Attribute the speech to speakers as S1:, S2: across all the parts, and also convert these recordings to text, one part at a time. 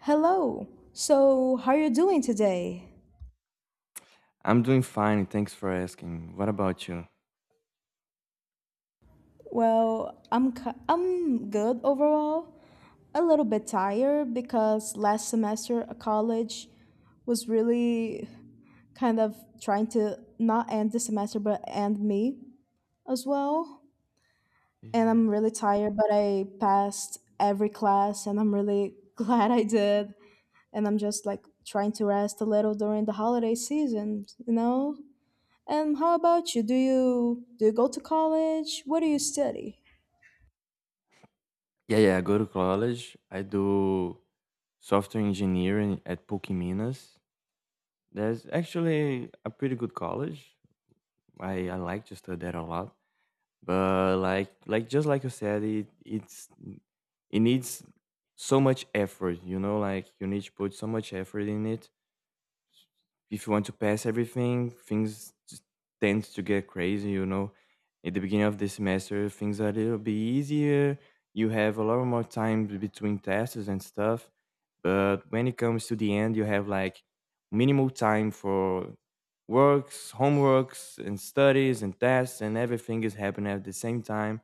S1: Hello. So, how are you doing today?
S2: I'm doing fine. Thanks for asking. What about you?
S1: Well, I'm good overall. A little bit tired because last semester at college was really kind of trying to not end the semester but end me as well. And I'm
S2: Yes.
S1: really tired, but I passed every class and I'm really glad I did. And I'm just like trying to rest a little during the holiday season. How about you? Do you go to college? What do you study?
S2: Yeah, yeah, I go to college. I do software engineering at PUC Minas. There's actually a pretty good college. I like to study there a lot. But like just like you said, it's it needs so much effort, you know, like you need to put so much effort in it. If you want to pass everything, things just tends to get crazy, you know. At the beginning of the semester, things are a little bit easier. You have a lot more time between tests and stuff. But when it comes to the end, you have like minimal time for works, homeworks, and studies and tests, and everything is happening at the same time.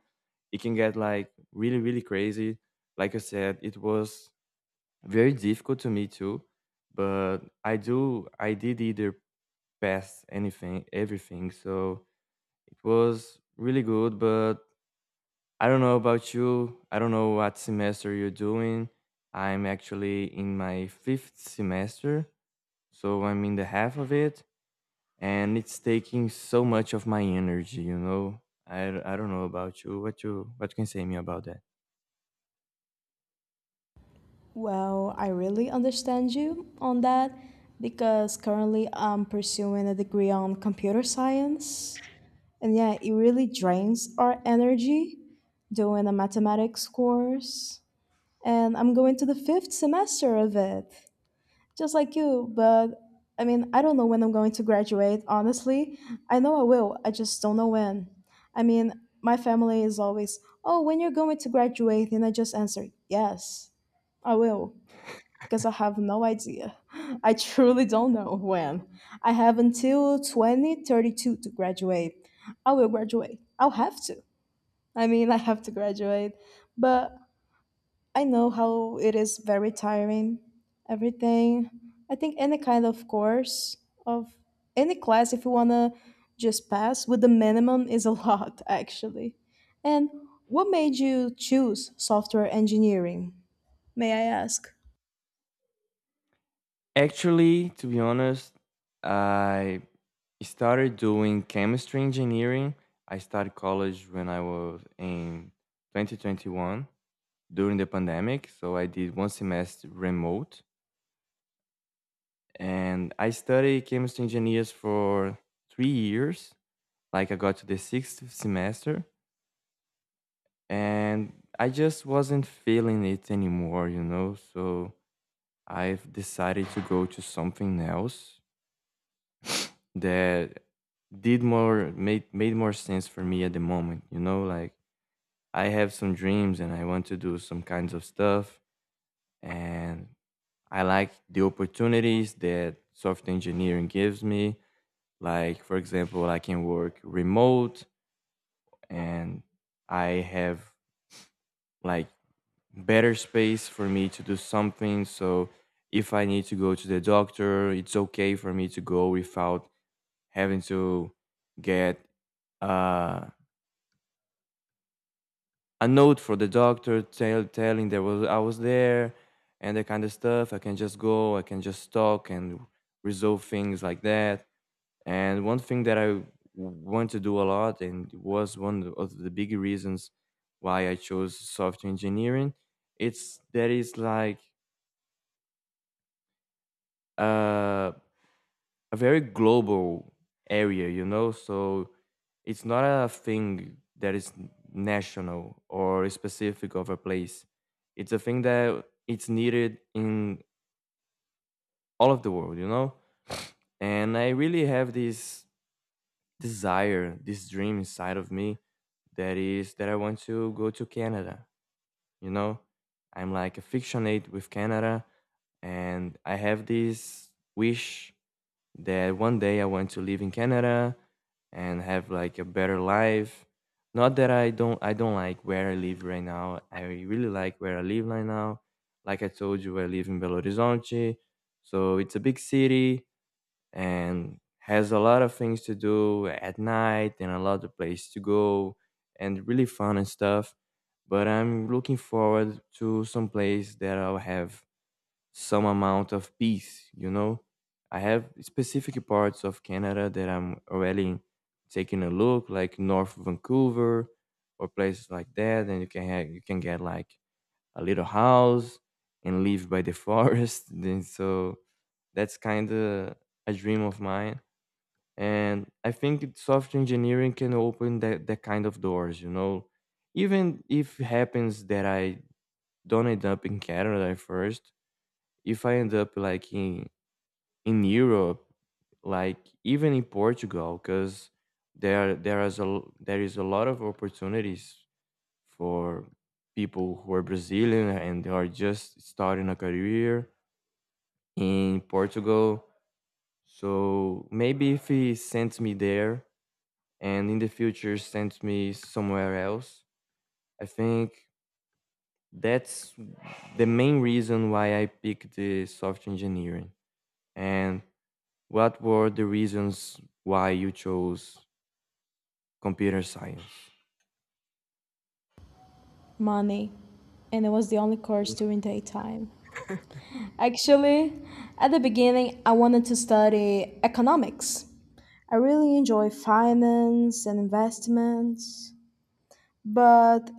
S2: It can get like really, really crazy. Like I said, it was very difficult to me too, but I did either pass anything everything, so it was really good, but I don't know about you. I don't know what semester you're doing. I'm actually in my fifth semester, so I'm in the half of it, and it's taking so much of my energy, you know. I, I don't know about you. What can you say me about that?
S1: Well, I really understand you on that because currently I'm pursuing a degree on computer science. And yeah, it really drains our energy doing a mathematics course. And I'm going to the fifth semester of it. Just like you, but I mean, I don't know when I'm going to graduate, honestly. I know I will, I just don't know when. I mean, my family is always, oh, when you're going to graduate, and I just answer, yes, I will, because I have no idea. I truly don't know when. I have until 2032 to graduate. I will graduate. I'll have to. I mean, I have to graduate, but I know how it is very tiring. Everything. I think any kind of course of any class, if you wanna just pass with the minimum, is a lot actually. And what made you choose software engineering? May I ask?
S2: Actually, to be honest, I started doing chemistry engineering. I started college when I was in 2021 during the pandemic. So I did one semester remote and I studied chemistry engineers for 3 years. Like I got to the sixth semester and I just wasn't feeling it anymore, you know? So I've decided to go to something else that did more made made more sense for me at the moment, you know, like I have some dreams and I want to do some kinds of stuff, and I like the opportunities that software engineering gives me, like for example I can work remote, and I have like better space for me to do something. So if I need to go to the doctor it's okay for me to go without having to get uh, a note for the doctor telling that was I was there and that kind of stuff. I can just go, I can just talk and resolve things like that. And one thing that I want to do a lot, and it was one of the big reasons why I chose software engineering, it's that is like uh a very global area, you know? So it's not a thing that is national or specific of a place. It's a thing that it's needed in all of the world, you know? And I really have this desire, this dream inside of me, that is that I want to go to Canada, you know? I'm like affectionate with Canada, and I have this wish that one day I want to live in Canada and have like a better life. Not that I don't like where I live right now. I really like where I live right now. Like I told you, I live in Belo Horizonte, so it's a big city and has a lot of things to do at night and a lot of places to go and really fun and stuff. But I'm looking forward to some place that I'll have some amount of peace, you know. I have specific parts of Canada that I'm already taking a look, like North Vancouver or places like that, and you can get like a little house and live by the forest. Then so that's kind of a dream of mine, and I think software engineering can open that kind of doors, you know. Even if it happens that I don't end up in Canada at first, if I end up like in Europe, like even in Portugal, because there is a there is a lot of opportunities for people who are Brazilian and they are just starting a career in Portugal. So maybe if he sends me there and in the future sends me somewhere else, I think that's the main reason why I picked the software engineering. And what were the reasons why you chose computer science?
S1: Money. And it was the only
S2: Yeah,
S1: course during daytime. Actually, at the beginning, I wanted to study economics. I really enjoy finance and investments, but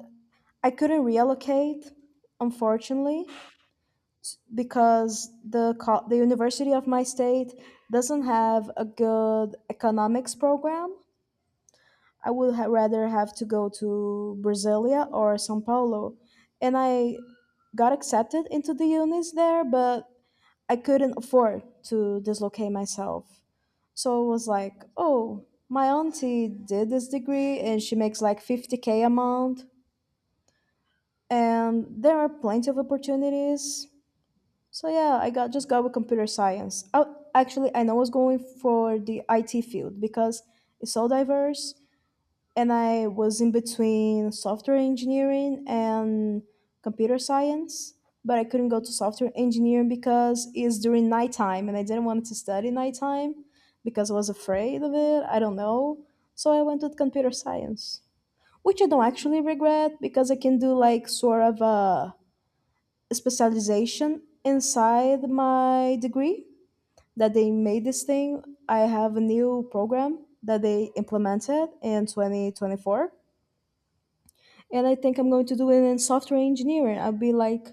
S1: I couldn't reallocate, unfortunately, because the university of my state doesn't have a good economics program. I would rather have to go to Brasilia or São Paulo, and I got accepted into the unis there, but I couldn't afford to dislocate myself. So it was like, oh, my auntie did this degree and she makes like 50K a month. And there are plenty of opportunities. So yeah, I got just got with computer science. Oh, actually, and I was going for the IT field because it's so diverse, and I was in between software engineering and computer science. But I couldn't go to software engineering because it's during nighttime, and I didn't want to study nighttime because I was afraid of it. I don't know, so I went with computer science, which I don't actually regret because I can do like sort of a specialization inside my degree that they made this thing. I have a new program that they implemented in 2024. And I think I'm going to do it in software engineering. I'll be like,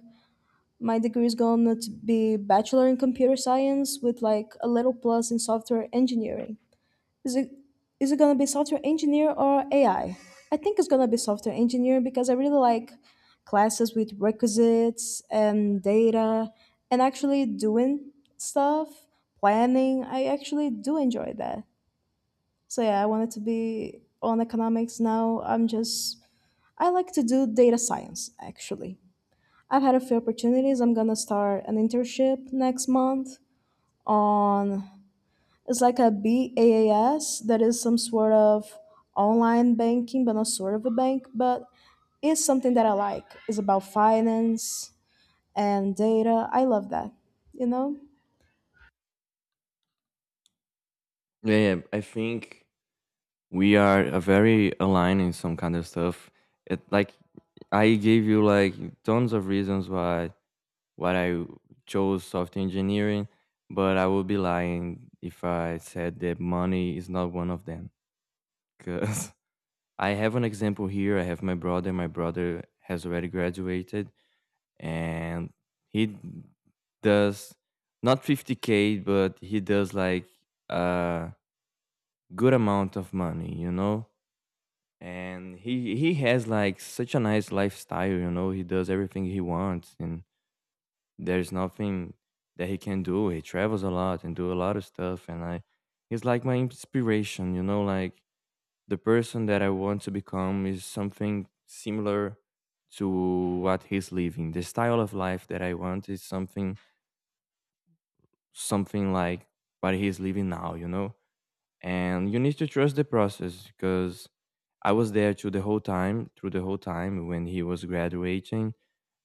S1: my degree is going to be bachelor in computer science with like a little plus in software engineering. Is it is it gonna be software engineer or AI? I think it's gonna be software engineer because I really like classes with requisites and data and actually doing stuff, planning. I actually do enjoy that. So yeah, I wanted to be on economics. Now, I like to do data science actually. I've had a few opportunities. I'm gonna start an internship next month on it's like a BaaS that is some sort of online banking, but not sort of a bank, but it's something that I like. It's about finance and data. I love that, you know?
S2: yeah, I think we are very aligned in some kind of stuff. It like I gave you like tons of reasons why I chose software engineering, but I would be lying if I said that money is not one of them. Cause I have an example here. I have my brother. My brother has already graduated, and he does not 50k, but he does like a good amount of money, you know. And he has like such a nice lifestyle, you know, he does everything he wants, and there's nothing that he can do. He travels a lot and do a lot of stuff. And I he's like my inspiration, you know, like the person that I want to become is something similar to what he's living. The style of life that I want is something like what he's living now, you know? And you need to trust the process, because I was there through the whole time, when he was graduating.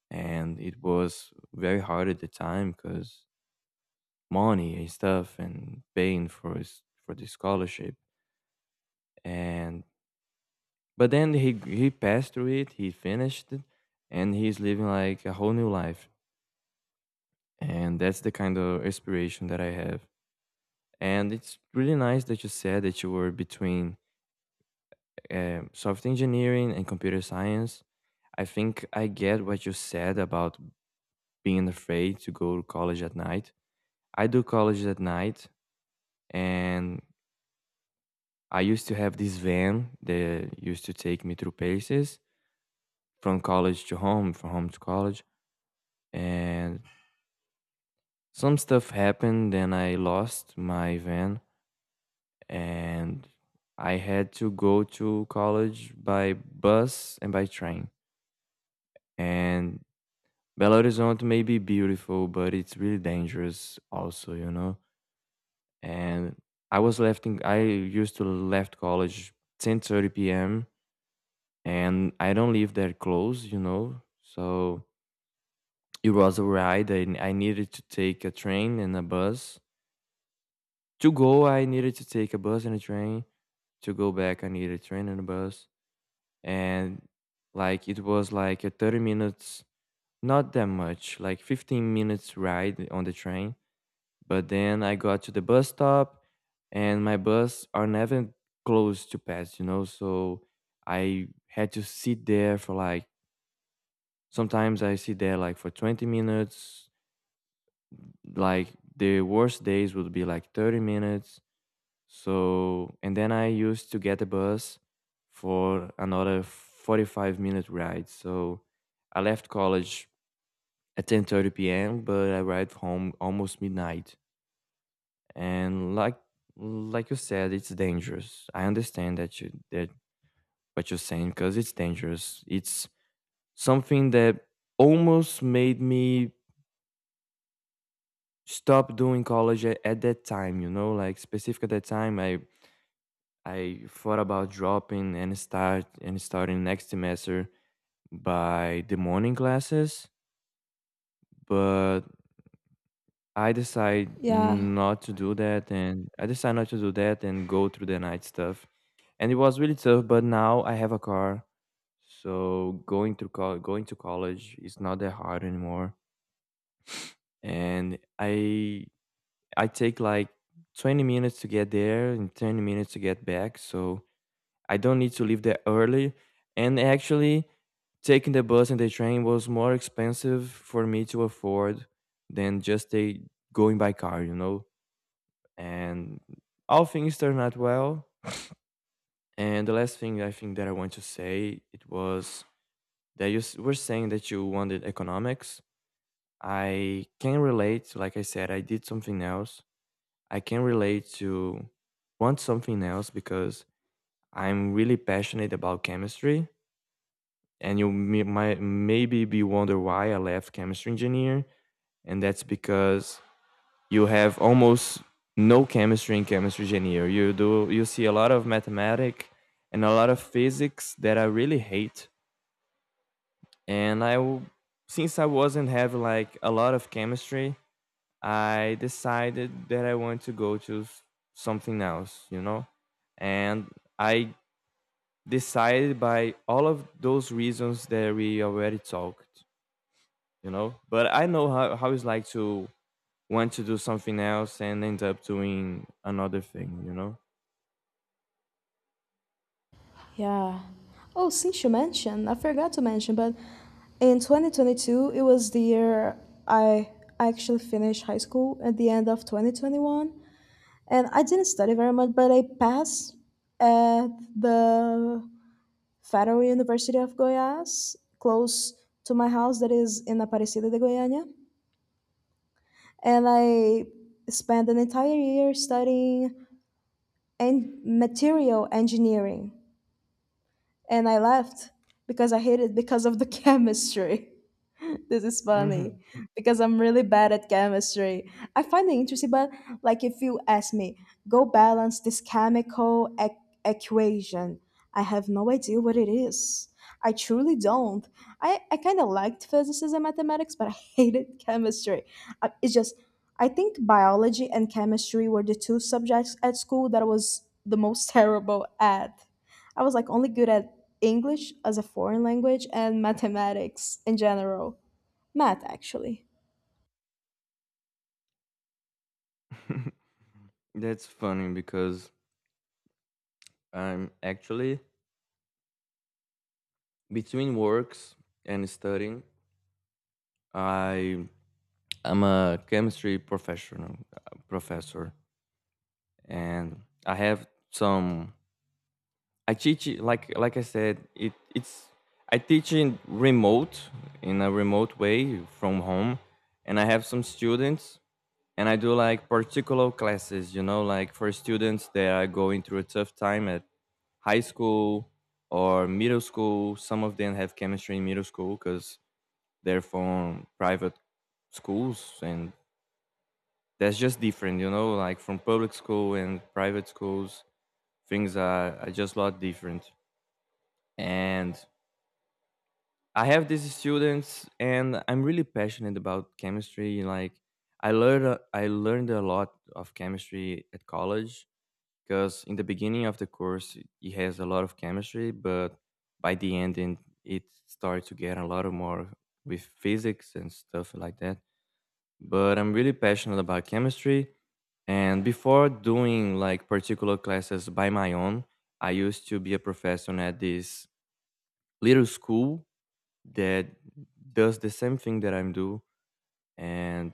S2: And it was very hard at the time because money and stuff and paying for his for the scholarship. And but then he passed through it, he finished it, and he's living like a whole new life. And that's the kind of inspiration that I have. And it's really nice that you said that you were between software engineering and computer science. I think I get what you said about being afraid to go to college at night. I do college at night, and I used to have this van that used to take me through places from college to home, from home to college. And some stuff happened, and I lost my van, and I had to go to college by bus and by train. And Belo Horizonte may be beautiful, but it's really dangerous also, you know? And I used to left college 10:30 p.m., and I don't live that close, you know? So it was a ride. I needed to take a train and a bus. To go, I needed to take a bus and a train. To go back, I needed a train and a bus. And like it was like a 30 minutes, not that much, like 15 minutes ride on the train. But then I got to the bus stop, and my bus are never close to pass, you know. So I had to sit there for like sometimes I sit there like for 20 minutes. Like the worst days would be like 30 minutes. So and then I used to get a bus for another 45-minute ride. So I left college at 10:30 p.m., but I arrived home almost midnight. And like you said it's dangerous, I understand that what you're saying, because it's dangerous. It's something that almost made me stop doing college at that time, you know, like specific at that time. I thought about dropping and starting next semester by the morning classes, but
S1: Yeah,
S2: I decide not to do that and go through the night stuff. And it was really tough. But now I have a car, so going to going to college is not that hard anymore. And I take like 20 minutes to get there and 20 minutes to get back, so I don't need to leave that early. And actually, taking the bus and the train was more expensive for me to afford than just a going by car, you know. And all things turned out well. And the last thing I think that I want to say it was that you were saying that you wanted economics. I can relate. Like I said, I did something else. I can relate to want something else, because I'm really passionate about chemistry. And you might maybe be wonder why I left chemistry engineer, and that's because you have almost no chemistry in chemistry engineer. You see a lot of mathematics and a lot of physics that I really hate, and since I wasn't having like a lot of chemistry, I decided that I want to go to something else, you know, and I decided by all of those reasons that we already talked, you know. But I know how it's like to want to do something else and end up doing another thing, you know.
S1: yeah. Oh, since you mentioned, I forgot to mention, but in 2022, it was the year I actually finished high school at the end of 2021. And I didn't study very much, but I passed at the Federal University of Goiás, close to my house that is in Aparecida de Goiânia. And I spent an entire year studying material engineering. And I left because I hated because of the chemistry. This is
S2: Hmm.
S1: funny because I'm really bad at chemistry. I find it interesting, but like if you ask me, go balance this chemical equation, I have no idea what it is. I truly don't. I kind of liked physics and mathematics, but I hated chemistry. It's just, I think biology and chemistry were the two subjects at school that I was the most terrible at. I was like only good at English as a foreign language and mathematics in general. Math, actually.
S2: That's funny because I'm actually between works and studying. I I'm a chemistry professional professor, and I have some. I teach like I said. It's I teach in a remote way from home, and I have some students, and I do like particular classes. You know, like for students that are going through a tough time at high school or middle school. Some of them have chemistry in middle school because they're from private schools, and that's just different, you know, like from public school and private schools things are just a lot different. And I have these students, and I'm really passionate about chemistry. Like I learned a lot of chemistry at college because in the beginning of the course it has a lot of chemistry, but by the end, and it starts to get a lot of more with physics and stuff like that, but I'm really passionate about chemistry. And before doing like particular classes by my own, I used to be a professor at this little school that does the same thing that I'm do, and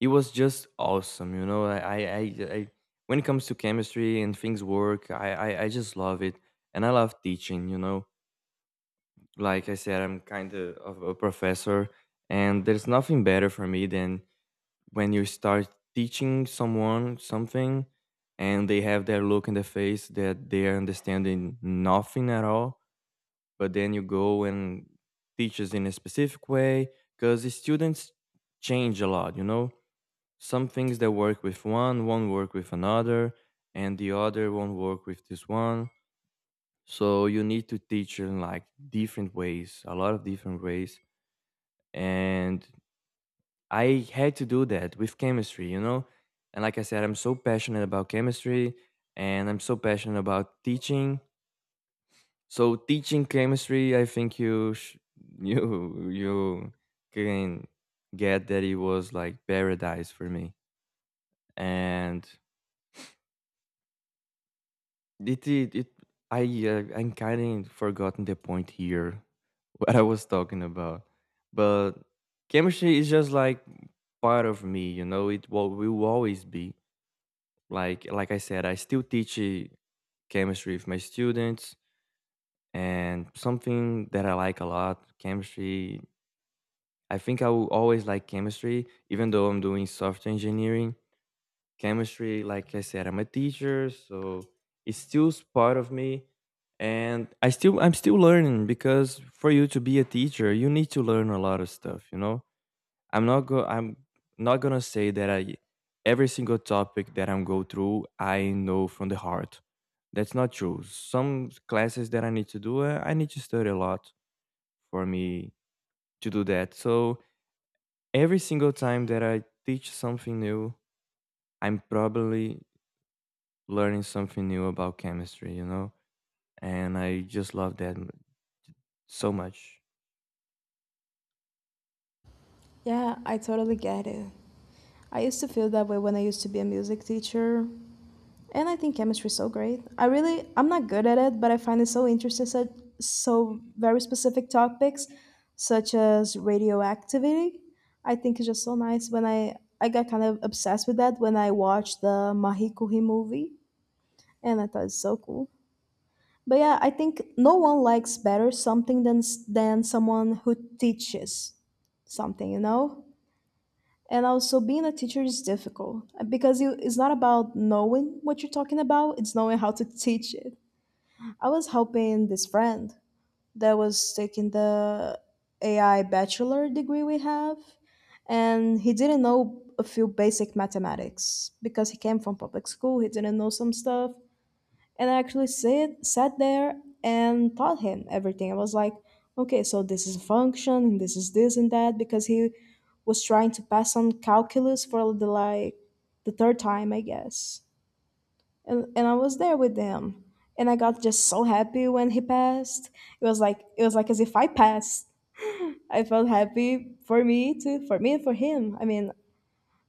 S2: it was just awesome. You know, I when it comes to chemistry and things work, I just love it, and I love teaching. You know, like I said, I'm kind of a professor, and there's nothing better for me than when you start teaching someone something and they have their look in the face that they are understanding nothing at all, but then you go and teaches in a specific way because the students change a lot, you know, some things that work with one won't work with another, and the other won't work with this one. So you need to teach in like different ways, a lot of different ways. And I had to do that with chemistry, you know? And like I said, I'm so passionate about chemistry, and I'm so passionate about teaching. So teaching chemistry, I think you can get that it was like paradise for me. And it I I'm kind of forgotten the point here what I was talking about. But chemistry is just like part of me, you know, it will always be. Like I said, I still teach chemistry with my students, and something that I like a lot, chemistry. I think I will always like chemistry even though I'm doing software engineering. Chemistry, like I said, I'm a teacher, so part of me, and I'm still learning because for you to be a teacher, you need to learn a lot of stuff, you know? I'm not gonna say that I every single topic that I'm go through I know from the heart. That's not true. Some classes that I need to do, I need to study a lot for me to do that. So every single time that I teach something new, I'm probably learning something new about chemistry, you know? And I just love so much.
S1: Yeah, I totally get it. I used to feel that way when I used to be a music teacher. And I think chemistry is so great. I really, I'm not good at it, but I find it so interesting, so very specific topics, such as radioactivity. I think it's just so nice when I got kind of obsessed with that when I watched the Mahikouhi movie, and I thought it's so cool. But yeah, I think no one likes better something than someone who teaches something. And also being a teacher is difficult because you it's not about knowing what you're talking about, it's knowing how to teach it. I was helping this friend that was taking the AI bachelor degree we have, and he didn't know a few basic mathematics because he came from public school, he didn't know some stuff and I actually sit sat there and taught him everything. I was like, okay, so this is a function and this is this and that, because he was trying to pass on calculus for the like the third time, I guess. And I was there with him. And I got just so happy when he passed. It was like as if I passed. I felt happy for me too, for me and for him. I mean,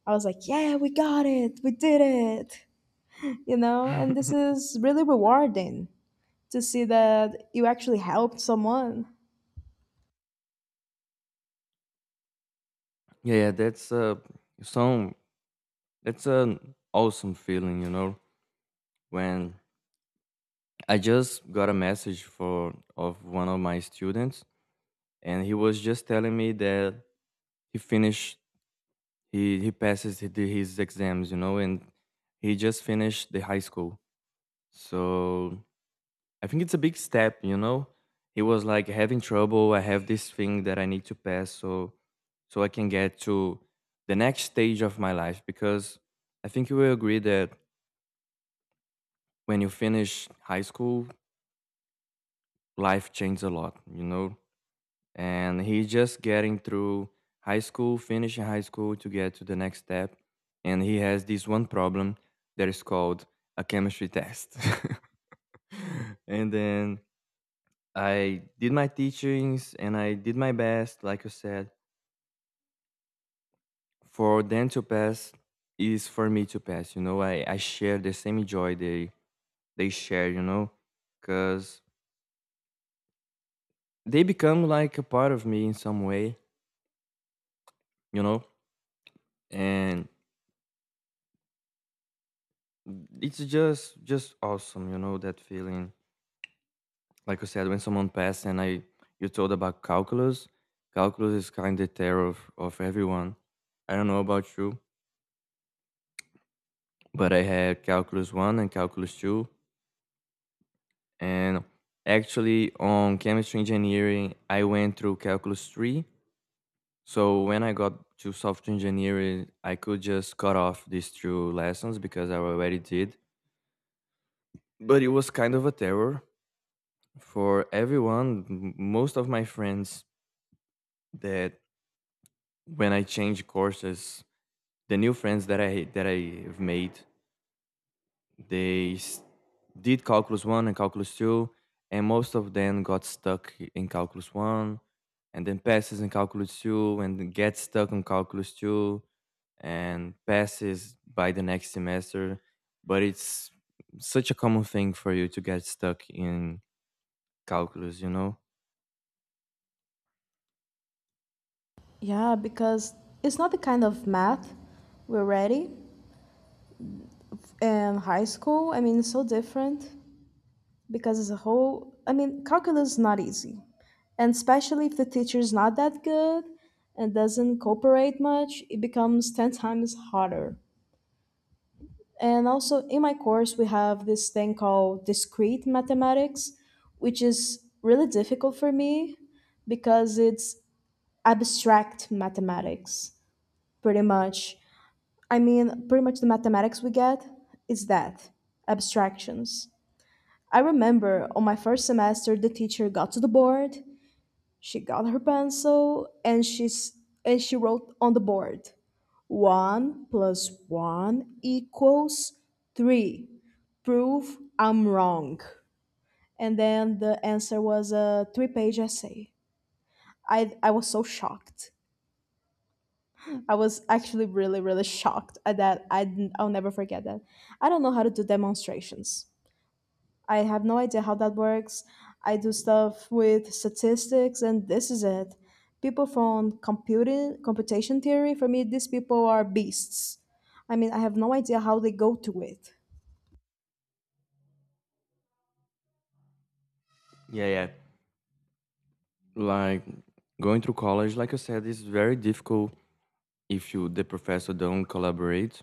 S1: I was like, yeah, we got it. We did it. And this is really rewarding to see that you actually helped someone.
S2: Yeah, yeah, that's some that's an awesome feeling, you know, when I just got a message for of one of my students, and he was just telling me that he finished, he passes his exams, you know, and he just finished the high school. So I think it's a big step, you know. He was like having trouble. I have this thing that I need to pass, so I can get to the next stage of my life. Because I think you will agree that when you finish high school, life changes a lot. You know, and he's just getting through high school, finishing high school to get to the next step. And he has this one problem that is called a chemistry test. And then I did my teachings and I did my best, like you said, for them to pass is for me to pass. You know, I share the same joy they share, you know, because they become like a part of me in some way, you know. And it's just awesome, you know, that feeling, like you said, when someone passed. And I you told about calculus. Calculus is kind of terror of everyone. I don't know about you, but I had calculus 1 and calculus 2, and actually on chemistry engineering I went through calculus 3. So when I got to software engineering I could just cut off these two lessons because I already did. But it was kind of a terror for everyone. Most of my friends that when I changed courses, the new friends that I've made, they s- did calculus one and calculus two, and most of them got stuck in calculus one, and then passes in calculus two, and then gets stuck on calculus two, and passes by the next semester. But it's such a common thing for you to get stuck in calculus, you know?
S1: Yeah, because it's not the kind of math we're ready in high school. I mean, it's so different because it's a whole, I mean, calculus is not easy. And especially if the teacher's not that good and doesn't cooperate much, it becomes 10 times harder. And also, in my course, we have this thing called discrete mathematics, which is really difficult for me because it's abstract mathematics, pretty much. I mean, pretty much the mathematics we get is that abstractions. I remember on my first semester, the teacher got to the board, she got her pencil, and she's and she wrote on the board one plus one equals three. Prove I'm wrong. And then the answer was a three-page essay. I was so shocked. I was actually really, really shocked at that. I'll never forget that. I don't know how to do demonstrations. I have no idea how that works. I do stuff with statistics, and this is it. People from computing, computation theory, for me, these people are beasts. I mean, I have no idea how they go to it.
S2: Yeah, yeah. Like going through college, like I said, is very difficult if you the professor don't collaborate.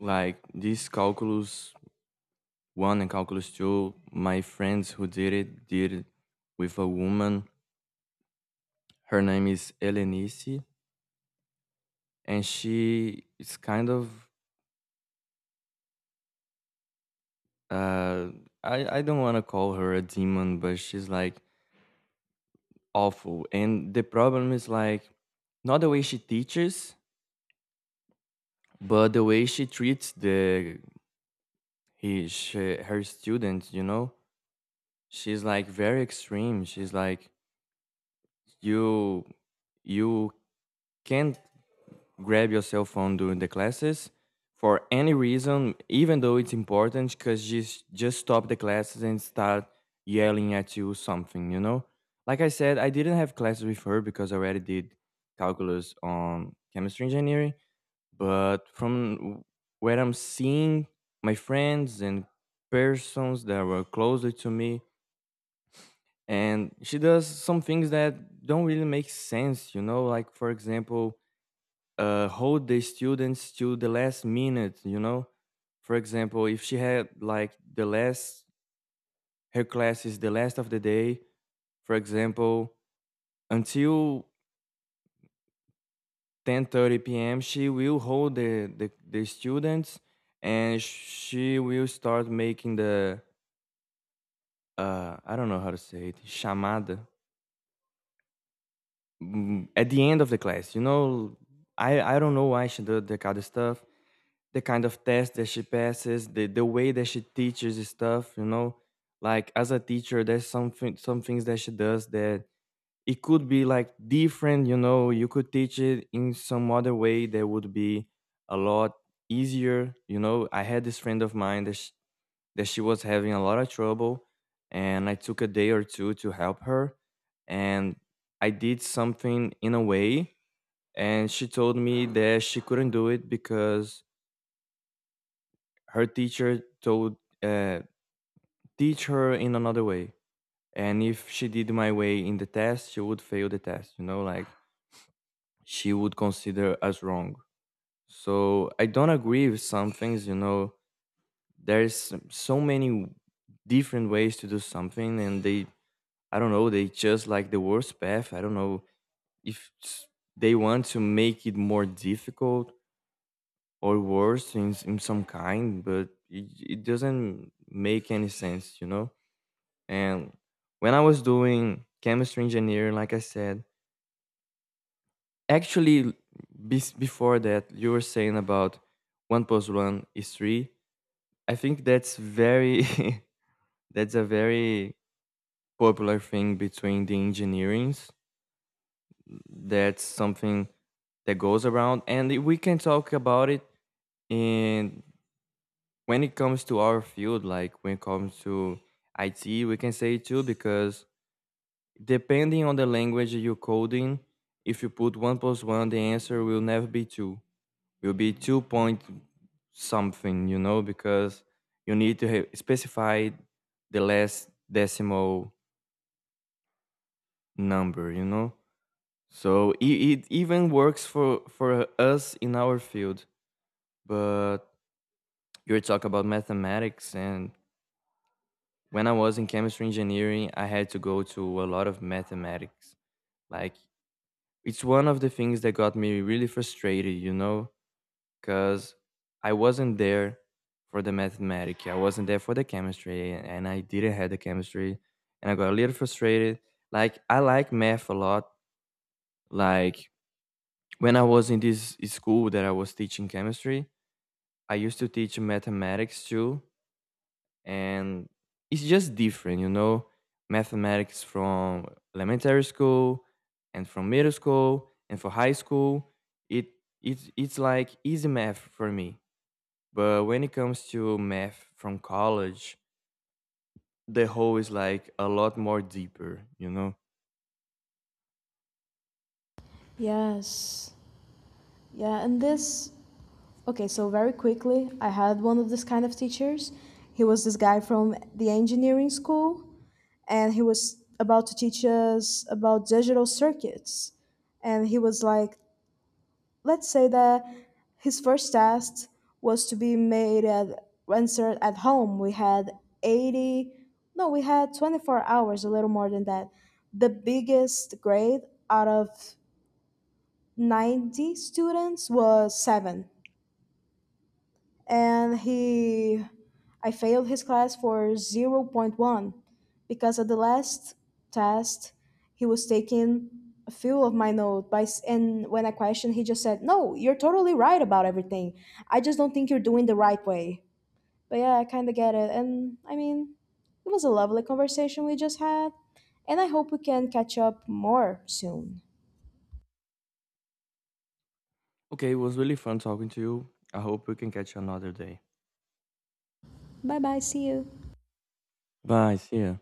S2: Like this calculus 1 and calculus 2 my friends who did it with a woman, her name is Elenice, and she is kind of uh I don't want to call her a demon, but she's like awful. And the problem is like not the way she teaches, but the way she treats the her students, you know. She's like very extreme. She's like you you can't grab your cell phone during the classes for any reason, even though it's important, because just stop the classes and start yelling at you something, you know. Like I said, I didn't have classes with her because I already did calculus on chemistry engineering. But from where I'm seeing my friends and persons that were closer to me, and she does some things that don't really make sense, you know, like for example, hold the students to the last minute, you know. For example, if she had like the last, her class is the last of the day, for example, until 10:30 p.m. she will hold the students, and she will start making the I don't know how to say it, chamada, at the end of the class. You know, I don't know why she did the kind of stuff, the kind of test that she passes, the way that she teaches is stuff. You know, like as a teacher, there's some things that she does that it could be like different. You know, you could teach it in some other way that would be a lot easier. You know, I had this friend of mine that she was having a lot of trouble, and I took a day or two to help her, and I did something in a way, and she told me that she couldn't do it because her teacher told uh, teach her in another way, and if she did my way in the test she would fail the test, you know, like she would consider as wrong. So I don't agree with some things, you know. There's so many different ways to do something, and they, I don't know, they just like the worst path. I don't know if s- they want to make it more difficult or worse in some kind, but it doesn't make any sense, you know? And when I was doing chemistry engineering, like I said, actually, before that, you were saying about one plus one is three. I think that's very, that's a very popular thing between the engineerings. That's something that goes around, and we can talk about it in when it comes to our field, like when it comes to IT, we can say too, because depending on the language you're coding, if you put one plus one, the answer will never be two. Will be 2. Something, you know, because you need to have specify the last decimal number, you know. So it even works for us in our field. But you were talking about mathematics, and when I was in chemistry engineering I had to go to a lot of mathematics, like it's one of the things that got me really frustrated, you know, because I wasn't there for the mathematics, I wasn't there for the chemistry, and I didn't have the chemistry, and I got a little frustrated. Like I like math a lot. Like when I was in this school that I was teaching chemistry, I used to teach mathematics too. And it's just different, you know, mathematics from elementary school and from middle school and for high school, it it's like easy math for me. But when it comes to math from college, the whole is like a lot more deeper, you know.
S1: Yes. Yeah, and this okay, so very quickly, I had one of this kind of teachers. He was this guy from the engineering school and he was about to teach us about digital circuits. And he was like, let's say that his first test was to be made at answered at home. We had 80, no, we had 24 hours, a little more than that. The biggest grade out of 90 students was seven. And he I failed his class for zero point 0.1 because at the last test he was taking a few of my note and when I questioned he just said, "No, you're totally right about everything. I just don't think you're doing the right way." But yeah, I kind of get it. And I mean, it was a lovely conversation we just had, and I hope we can catch up more soon.
S2: Okay, it was really fun talking to you, I hope we can catch you another day. Bye, see ya.